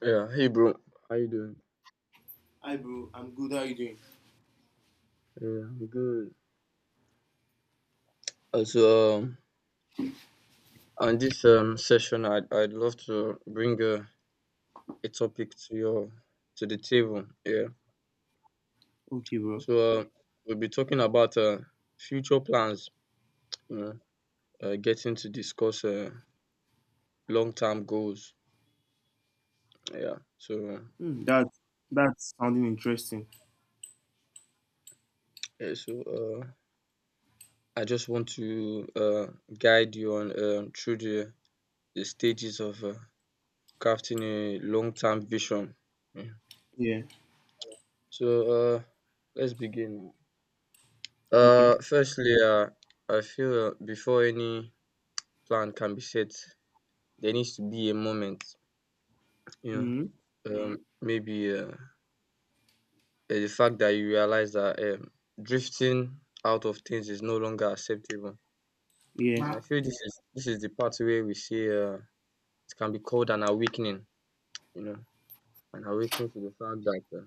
Yeah, hey bro, how you doing? Hi, bro. I'm good. How you doing? Yeah, I'm good. Also, um, on this session, I'd love to bring a topic to your to the table. Yeah, Okay, bro. so we'll be talking about future plans. You know, getting to discuss long-term goals. Yeah, so Hmm. That's sounding interesting. yeah, so I just want to guide you on through the stages of crafting a long-term vision. Yeah? Yeah. So let's begin. Okay. Firstly, I feel before any plan can be set, there needs to be a moment. You Hmm. know, maybe the fact that you realize that drifting out of things is no longer acceptable, Yeah. and Huh? I feel this is the part where we see it can be called an awakening. You know, an awakening to the fact that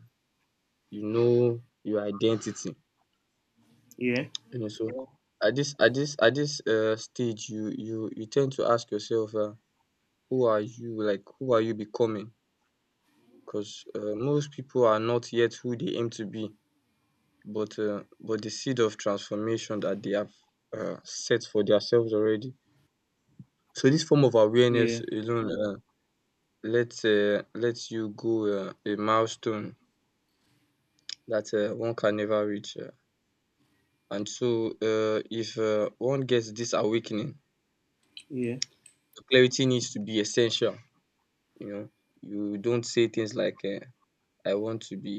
you know your identity. Yeah. You know, so at this stage, you tend to ask yourself, who are you? Like, who are you becoming? Because most people are not yet who they aim to be, but the seed of transformation that they have set for themselves already. So this form of awareness Yeah. alone lets you go a milestone that one can never reach. And so, if one gets this awakening, Yeah. clarity needs to be essential. You know, you don't say things like I want to be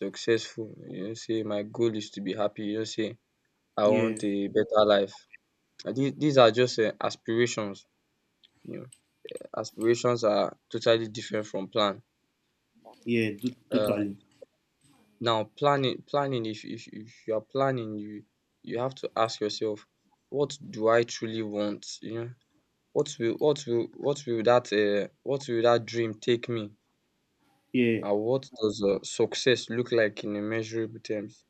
successful, you don't say my goal is to be happy, you don't say I Yeah. want a better life. These are just aspirations, you know. Aspirations are totally different from plan. Yeah. Do, Uh, totally. Now, planning if you are planning, you have to ask yourself, what do I truly want, you know? What will that what will that dream take me? Yeah. What does success look like in a measurable terms?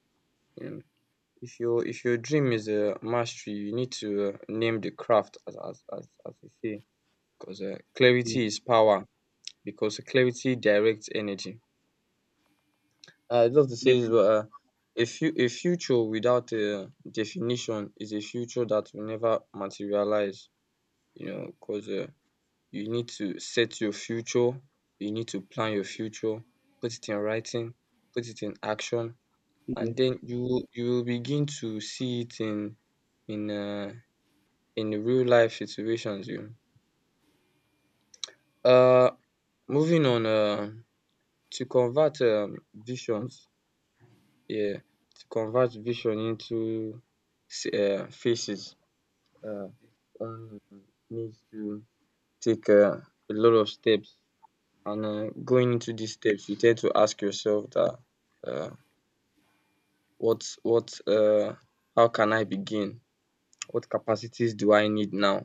You know, if your dream is a mastery, you need to name the craft as we say, because Yeah. clarity is power. Because clarity directs energy. I love to say is Definitely. A future without a definition is a future that will never materialize. You know, because you need to set your future, you need to plan your future, put it in writing, put it in action, Yeah. and then you will begin to see it in uh, in the real life situations. You know. Moving on, to convert visions, yeah, to convert vision into faces, uh, one needs to take a lot of steps. And going into these steps, you tend to ask yourself that uh, what how can I begin? What capacities do I need now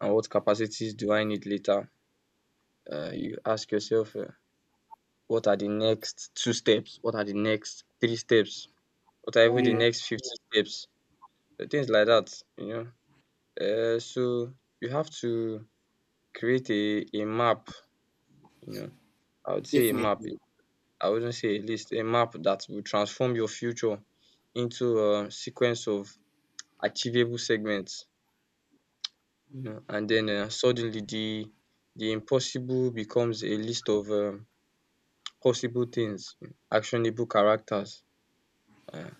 and what capacities do I need later? You ask yourself what are the next two steps, what are the next three steps, what are even the yeah. next 50 steps, so things like that, you know. So you have to create a map, you know. I would say a map, Definitely. I wouldn't say a list, a map that will transform your future into a sequence of achievable segments. You know, and then suddenly the impossible becomes a list of possible things, actionable characters. um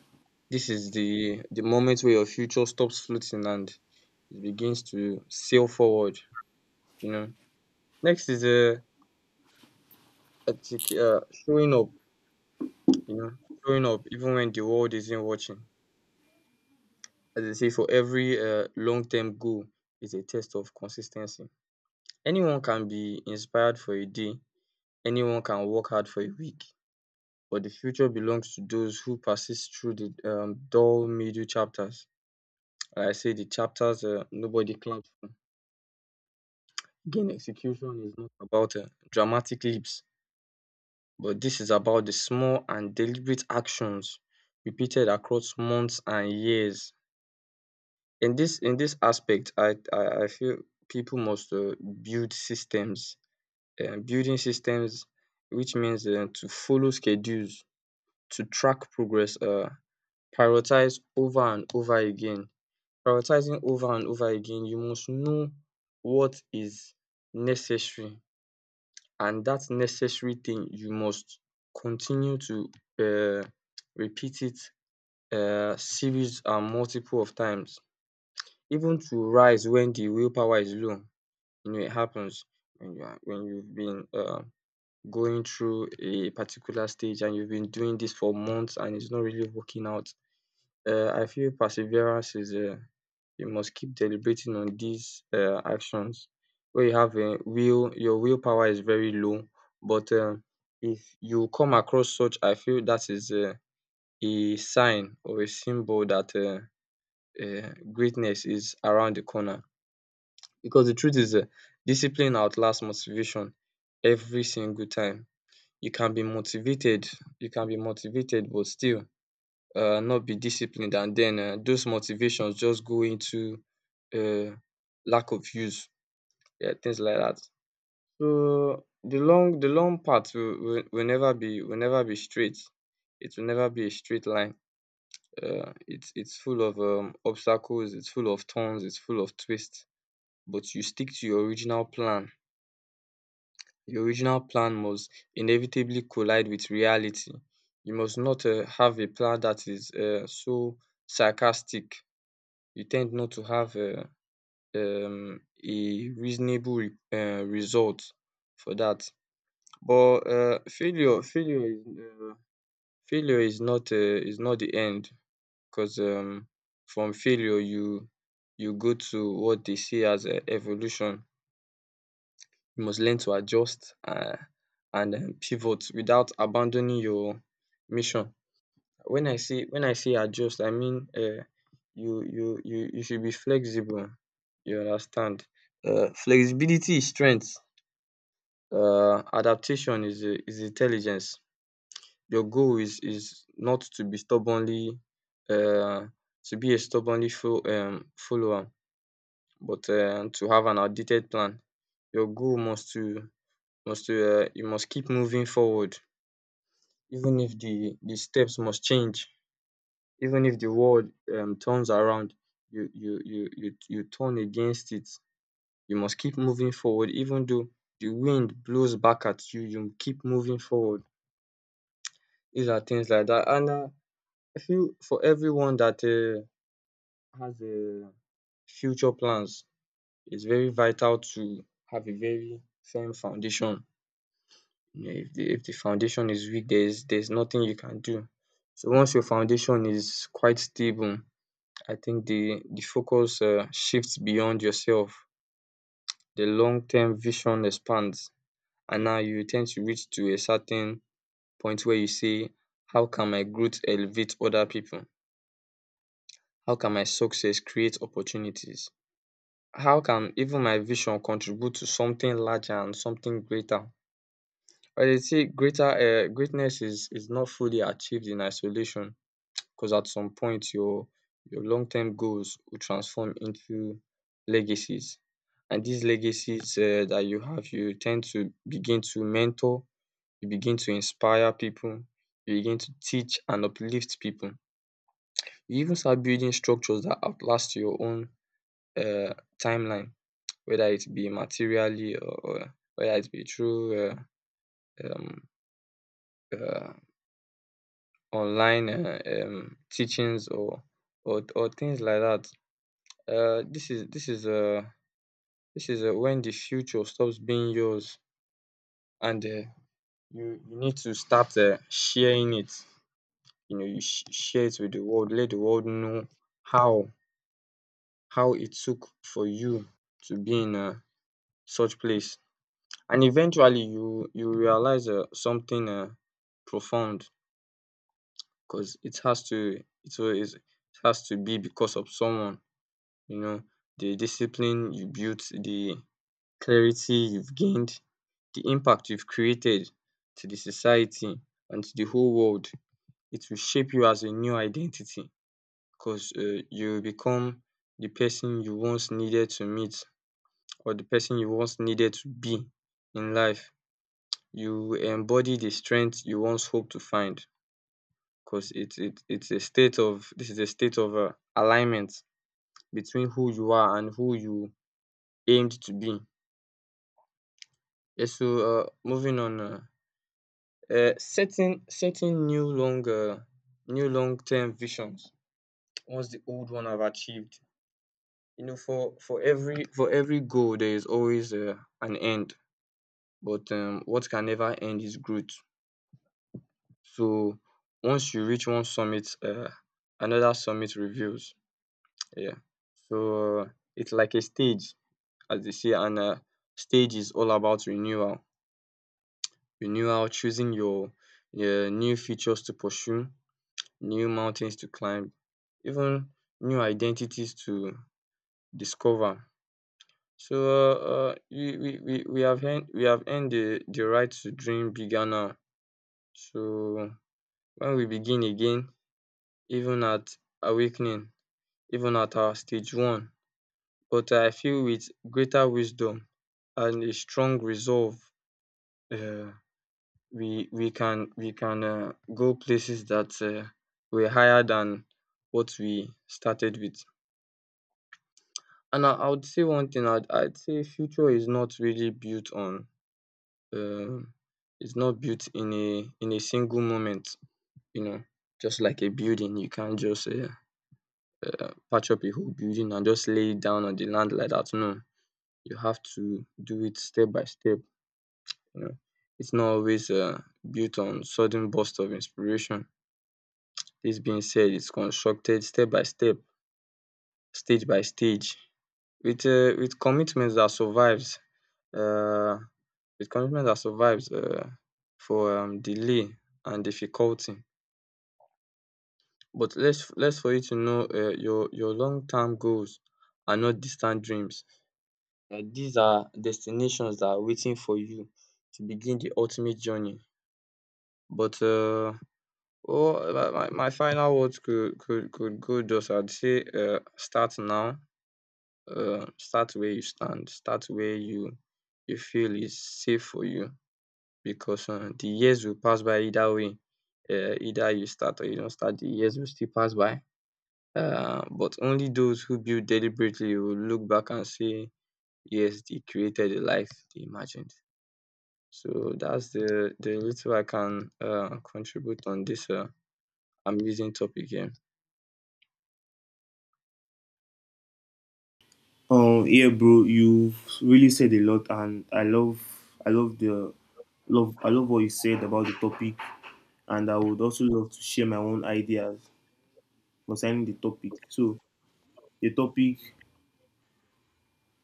Dis is the moment where your future stops floating and it begins to sail forward, you know. Next is showing up, you know, showing up even when the world isn't watching. As dey say, for every long term goal is a test of consistency. Anyone can be inspired for a day, anyone can work hard for a week, but the future belongs to those who persist through the dull middle chapters. Like I say, the chapters nobody claps for. Again, execution is not about dramatic leaps, but this is about the small and deliberate actions repeated across months and years. In this aspect, I feel people must build systems. Building systems, which means to follow schedules, to track progress. Prioritize over and over again. Prioritizing over and over again, you must know what is necessary, and that necessary thing you must continue to um repeat it series and multiple of times. Even to rise when the willpower is low, you know, it happens when you are when you've been going through a particular stage and you've been doing this for months and it's not really working out. I feel perseverance is you must keep deliberating on these actions when you have a will your willpower is very low, but if you come across such, I feel that is a sign or a symbol that greatness is around the corner, because the truth is discipline outlasts motivation every single time. You can be motivated you can be motivated but still not be disciplined, and then those motivations just go into uh, lack of use, yeah, things like that. So the long path will never be straight, it will never be a straight line. It's full of obstacles, it's full of turns, it's full of twists. But you stick to your original plan. Your original plan must inevitably collide with reality. You must not have a plan that is so sarcastic you tend not to have a reasonable result for that. But failure is not the end, cause from failure you you go to what they see as evolution. You must learn to adjust and pivot without abandoning your mission. When I say adjust, I mean you should be flexible, you understand. Flexibility is strength, adaptation is intelligence. Your goal is not to be stubbornly uh, to be a stubbornly fo follower, but to have an outdated plan. Your goal must to you must keep moving forward even if the the steps must change. Even if the world turns around, you turn against it. You must keep moving forward even though the wind blows back at you, you keep moving forward. These are things like that. And I feel for everyone that has a future plans, it's very vital to have a very firm foundation. You know, if the foundation is weak, there is nothing you can do. So once your foundation is quite stable, I think the focus shifts beyond yourself. The long term vision expands, and now you tend to reach to a certain point where you say, how can my growth elevate other people? How can my success create opportunities? How can even my vision contribute to something larger and something greater? But you see, greater greatness is not fully achieved in isolation. Because at some point, your long-term goals will transform into legacies. And these legacies that you have, you tend to begin to mentor, you begin to inspire people, you begin to teach and uplift people. You even start building structures that outlast your own uh timeline, whether it be materially, or whether it be through um um online teachings or things like that. Uh, this is this is um this is when the future stops being yours, and you you need to start sharing it, you know, you share it with the world, let the world know how how it took for you to be in such place, and eventually you you realize something profound, cause it has to it always it has to be because of someone, you know, the discipline you built, the clarity you've gained, the impact you've created to the society and to the whole world. It will shape you as a new identity, because you will become the person you once needed to meet, or the person you once needed to be in life. You will embody the strength you once hoped to find, because it it's a state of this is a state of alignment between who you are and who you aimed to be. Yeah, so moving on, setting new long term visions once the old one have achieved. You know, for every goal there is always an end, but what can never end is growth. So once you reach one summit, another summit reveals. Yeah. So it's like a stage, as they say, and stage is all about renewal, choosing your new features to pursue, new mountains to climb, even new identities to discover. So we have earned the right to dream bigger now. So when we begin again, even at awakening, even at our stage one, but I feel with greater wisdom and a strong resolve, uh, we can go places that were higher than what we started with. And I would say one thing, I'd say future is not really built on, um it's not built in a single moment, you know, just like a building. You can't just patch up a whole building and just lay it down on the land like that. No, you have to do it step by step. You know, it's not always built on sudden burst of inspiration. This being said, it's constructed step by step, stage by stage, with commitments that survives. Uh, With commitment, that survives for delay and difficulty. But less for you to know, your long term goals are not distant dreams. These are destinations that are waiting for you to begin the ultimate journey. But oh, my final words, could go, just I'd say. Uh, Start now. Start where you stand, start where you feel is safe for you. Because the years will pass by either way. Either you start or you don't start, the years will still pass by. But only those who build deliberately will look back and say, “Yes, they created the life they imagined.” So that's the little I can contribute on this amazing topic here. Yeah, bro. You really said a lot, and I love. I love the. Love. I love what you said about the topic, and I would also love to share my own ideas concerning the topic. So the topic,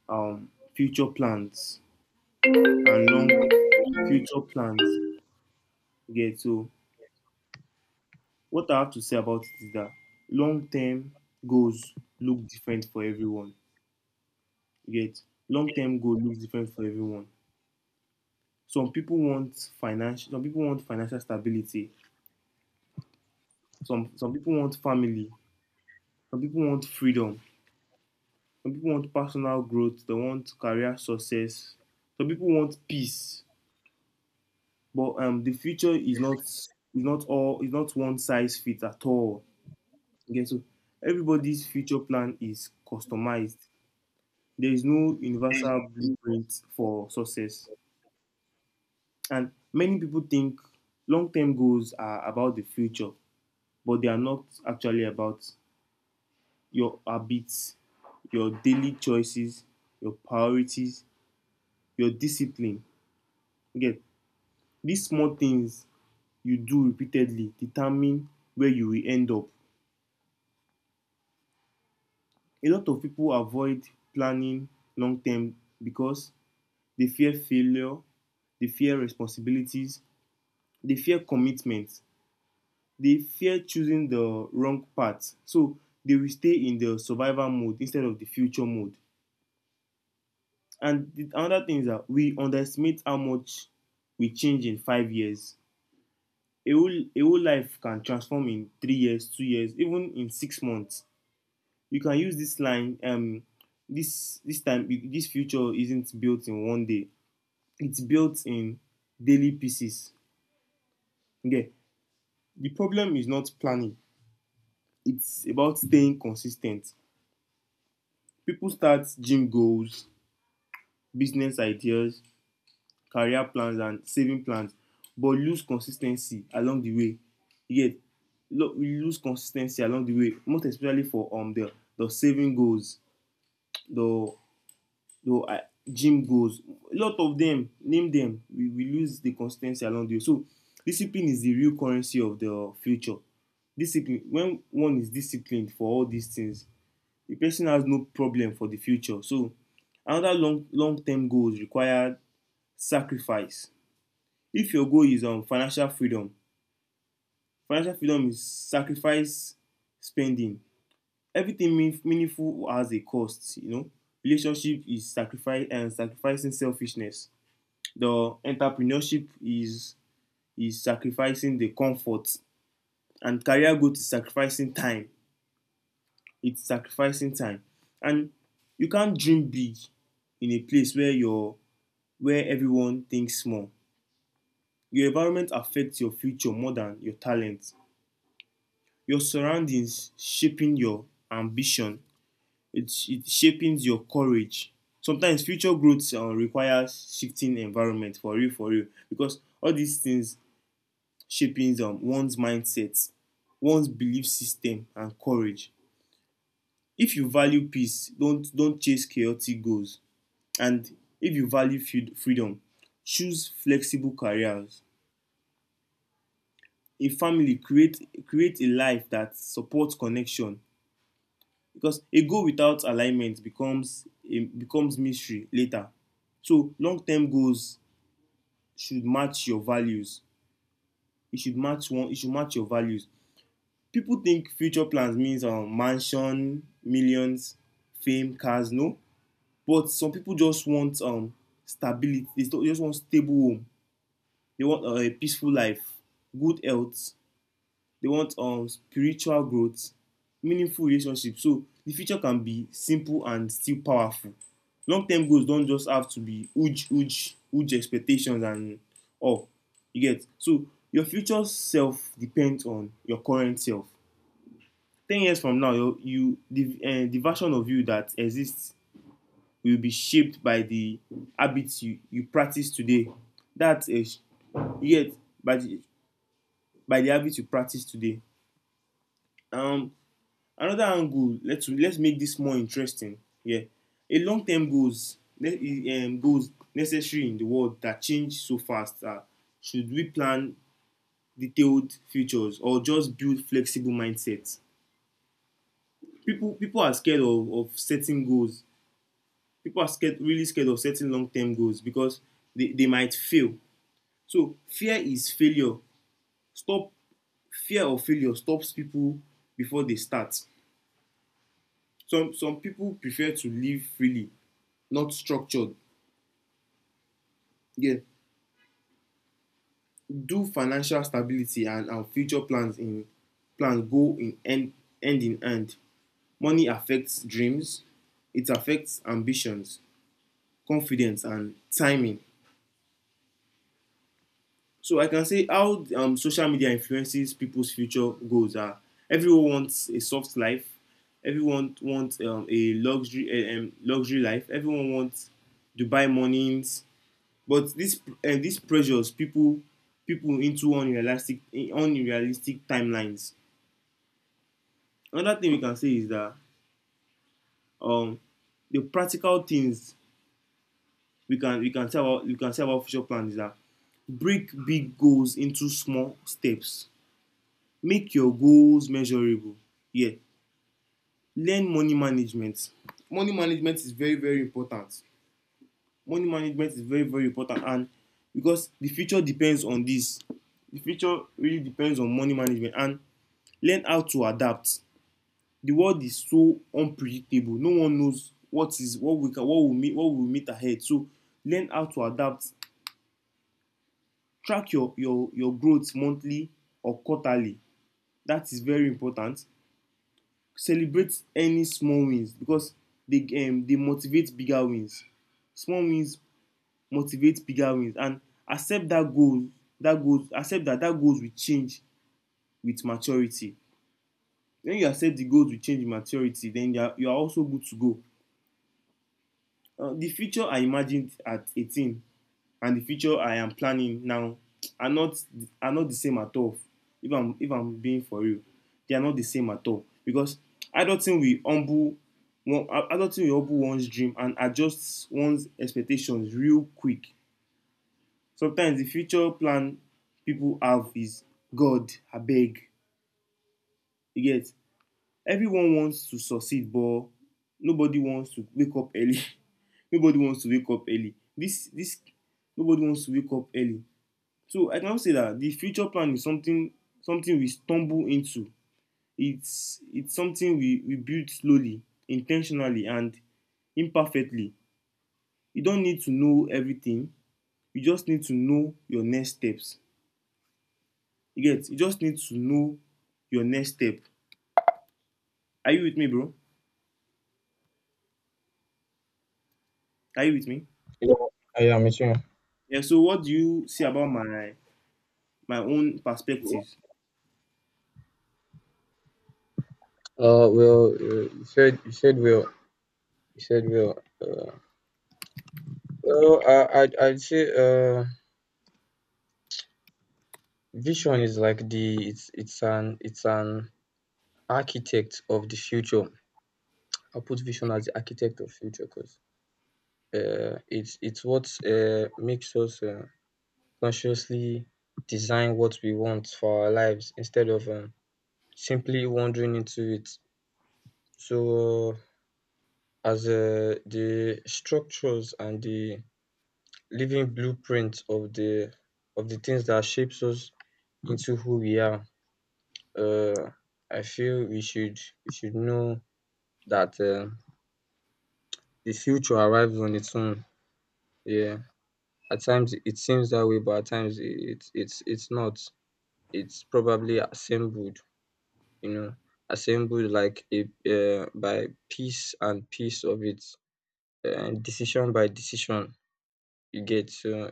um future plans and long future plans, you get. So what I have to say about it is that long term goals look different for everyone, you get. Long term goal looks different for everyone. Some people want financial, some people want financial stability, some people want family, some people want freedom, some people want personal growth, they want career success, some people want peace. But the future is not all, is not one size fits at all. Okay, so everybody's future plan is customized. There is no universal blueprint for success. And many people think long term goals are about the future, but they are not actually, about your habits, your daily choices, your priorities, your discipline. Again, these small things you do repeatedly determine where you will end up. A lot of people avoid planning long term because they fear failure, they fear responsibilities, they fear commitment, they fear choosing the wrong path. So they will stay in the survival mode instead of the future mode. And the other thing is that we underestimate how much we change in 5 years. A whole life can transform in 3 years, 2 years, even in 6 months. You can use this line, this time, this future isn't built in one day, it's built in daily pieces. Okay. The problem is not planning, it's about staying consistent. People start gym goals, business ideas, career plans, and saving plans, but lose consistency along the way. You get. We lose consistency along the way, most especially for the saving goals, the the gym goals. A lot of them, name them, we lose the consistency along the way. So discipline is the real currency of the future. Discipline, when one is disciplined for all these things, the person has no problem for the future. So another, long long term goals require sacrifice. If your goal is financial freedom is sacrifice spending. Everything mean, meaningful has a cost, you know. Relationship is sacrifice and sacrificing selfishness. The entrepreneurship is sacrificing the comfort, and career growth is sacrificing time. It's sacrificing time. And you can't dream big in a place where your where everyone thinks small. Your environment affects your future more than your talent. Your surroundings shaping your ambition. It shapes your courage. Sometimes future growth requires shifting environment, for real, for real. Because all these things shaping one's mindset, one's belief system, and courage. If you value peace, don't chase chaotic goals. And if you value freedom, choose flexible careers. A family, create create a life that supports connection, because a goal without alignment becomes a becomes mystery later. So long-term goals should match your values, it should match one, it should match your values. People think future plans means mansion, millions, fame, cars. No, but some people just want stability, they just want stable home, they want a peaceful life, good health, they want spiritual growth, meaningful relationships. So the future can be simple and still powerful. Long term goals don't just have to be huge expectations and all. You get. So your future self depends on your current self. 10 years from now, your you the version of you that exists will be shaped by the habits you practice today. That's a, you get, by the, by the habits you practice today. um Another angle, let's make this more interesting. Yeah. A long term goals, goals necessary in the world that change so fast are, should we plan detailed futures or just build flexible mindsets? People are scared of setting goals. People are scared, really scared of setting long term goals, because they might fail. So fear is failure. Stop. Fear of failure stops people before they start. Some people prefer to live freely, not structured. Yeah. Do financial stability our future plans in plans go in end, end in end? Money affects dreams, it affects ambitions, confidence, and timing. So I can say how, social media influences people's future goals are, everyone wants a soft life, everyone wants a luxury, luxury life. Everyone wants Dubai mornings, but this, this pressures people, people into unrealistic, unrealistic timelines. Another thing we can say is that, um the practical things we can, we can say about, we can say about future plans is that, break big goals into small steps, make your goals measurable. Yeah. Learn money management. Money management is very very important. Money management is very very important, and because the future depends on this, the future really depends on money management. And learn how to adapt. The world is so unpredictable, no one knows what is, what we can, what will meet, what will meet ahead. So learn how to adapt. Track your growth monthly or quarterly. That is very important. Celebrate any small wins, because they motivate bigger wins. Small wins motivate bigger wins. And accept that goal, accept that goals will change with maturity. When you accept the goals will change with maturity, then you are, you are also good to go. The future I imagined at 18 and the future I am planning now are not, are not the same at all. If I'm being for real, they are not the same at all, because adulting will humble one, adulting will humble one's dream and adjust one's expectations real quick. Sometimes the future plan people have is God abeg. You get. Everyone wants to succeed, but nobody wants to wake up early nobody wants to wake up early. This Nobody wants to wake up early. So I can now say that the future plan is something, something we stumble into. It's something we build slowly, intentionally, and imperfectly. You don't need to know everything, you just need to know your next steps. You get. You just need to know your next step. Are you with me, bro? Are you with me? Yeah, I am with you. Yeah, so what do you see about my, my own perspective? Well, you said, well. You said well. Well, I I'd say vision is like the it's an architect of the future. I put vision as the architect of future, cause it's what, makes us, consciously design what we want for our lives instead of, simply wandering into it. So, as, the structures and the living blueprint of the things that shapes us into who we are, uh, I feel we should know that, the future arrives on its own. Yeah, at times it seems that way, but at times it's not. It's probably assembled, you know, assembled like a, by piece and piece of it, decision by decision. You get, so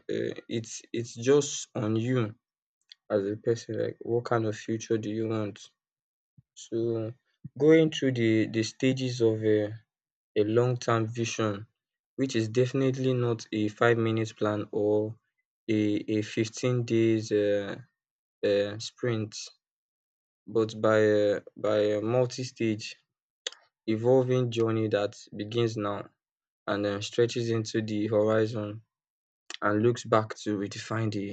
it's just on you as a person. Like, what kind of future do you want? So going through the stages of a long-term vision, which is definitely not a 5-minute plan or a a 15 days sprint, but by a multi-stage evolving journey that begins now and stretches into the horizon and looks back to redefine the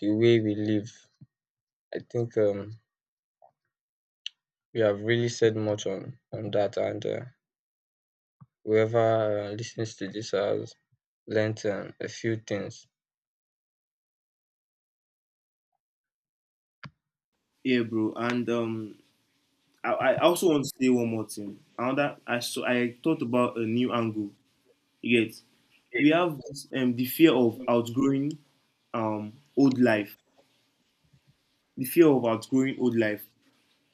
way we live. I think we have really said much on that, and whoever lis to this has learnt a few things. Yeah, bro. And I also want to say one more thing. Another, I, so I thought about a new angle. You get, we have this, the fear of outgrowing old life. The fear of outgrowing old life.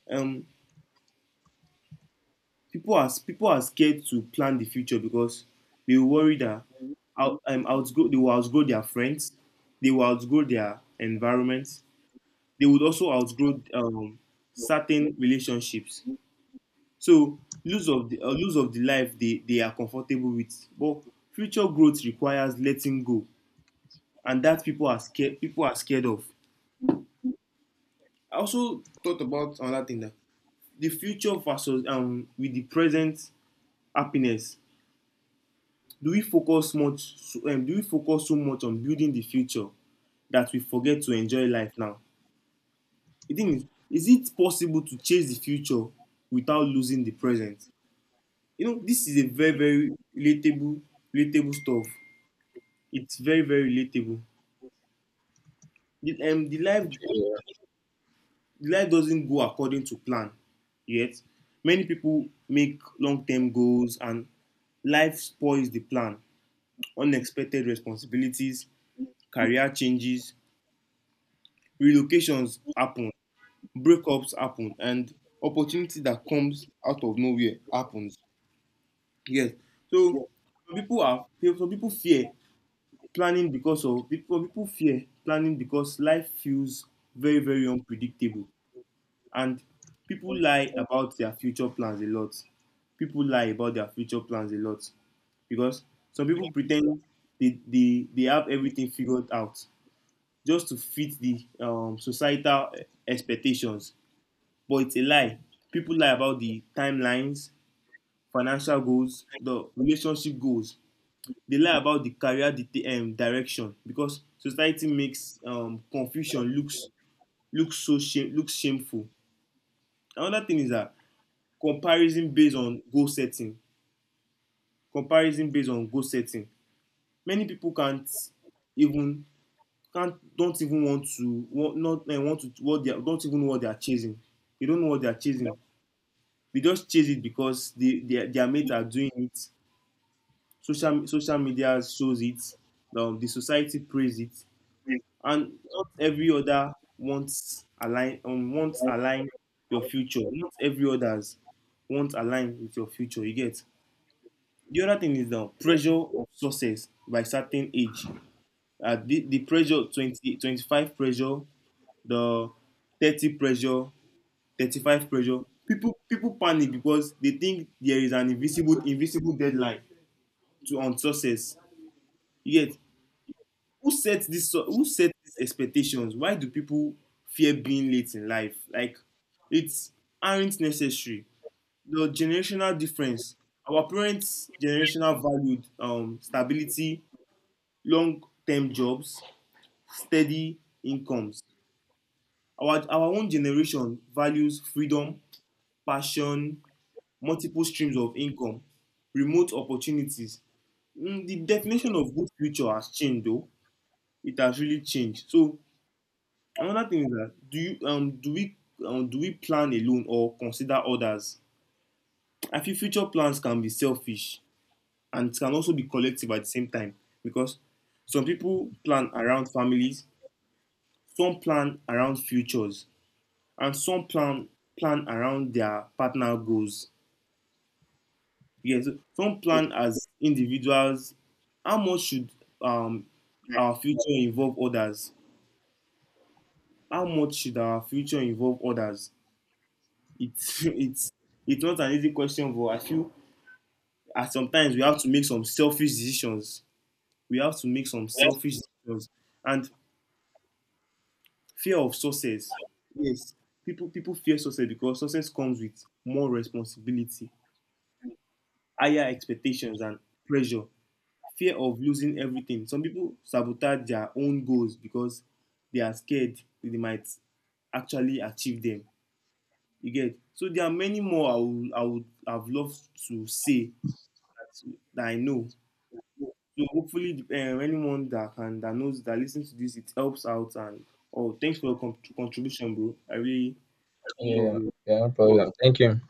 Um, people are scared to plan the future because they worry that out, outgrow they will outgrow their friends, they will outgrow their environment. They would also outgrow certain relationships. So lose of the, lose of the life they are comfortable with. But future growth requires letting go, and that, people are scared, people are scared of. I also thought about another thing, that the future versus with the present happiness. Do we focus much so, do we focus so much on building the future that we forget to enjoy life now? The thing is it possible to chase the future without losing the present? You know, this is a very very relatable, relatable stuff. It's very very relatable. The, the life, the life doesn't go according to plan, yet many people make long-term goals and life spoils the plan. Unexpected responsibilities, career changes, relocations happen, breakups happen, and opportunity that comes out of nowhere happens. Yes. So some people are some people fear planning because of, people, people fear planning because life feels very very unpredictable. And people lie about their future plans a lot. People lie about their future plans a lot because some people pretend they have everything figured out just to fit the, societal, expectations. But it's a lie. People lie about the timelines, financial goals, the relationship goals. They lie about the career direction, because society makes confusion looks, looks so shame, looks shameful. Another thing is that comparison based on goal setting, comparison based on goal setting, many people can't even, can't, don't even want to, want, not, want to, what they are, don't even know what they are chasing. They don't know what they are chasing. They just chase it because they, their mates are doing it, social media shows it, the society praise it. And not every other wants align, wants align your future, not every others will align with your future. You get. The other thing is the pressure of success by certain age. The pressure, 20 25 pressure, the 30 pressure, 35 pressure. People panic because they think there is an invisible, invisible deadline to, on success. Yet, who sets this, who set these expectations? Why do people fear being late in life? Like, it's, aren't necessary. The generational difference. Our parents' generational valued stability, long-term jobs, steady incomes. Our own generation values freedom, passion, multiple streams of income, remote opportunities. Mm, the definition of good future has changed, though. It has really changed. So another thing is that, do you do we, do we plan alone or consider others? I feel future plans can be selfish and can also be collective at the same time, because some people plan around families, some plan around futures, and some plan plan around their partner goals. Yes, some plan as individuals. How much should, um, our future involve others? How much should our future involve others? It's it's not an easy question, but I feel at sometimes we have to make some selfish decisions. We have to make some selfish decisions. And fear of success. Yes, people fear success because success comes with more responsibility, higher expectations, and pressure. Fear of losing everything. Some people sabotage their own goals because they are scared they might actually achieve them. You get. So there are many more I would have loved to say, that I know. So hopefully, anyone that can, that knows, that listens to this, it helps out. And oh, thanks for your contribution, bro. I really love Yeah, you. yeah, no problem. Thank you.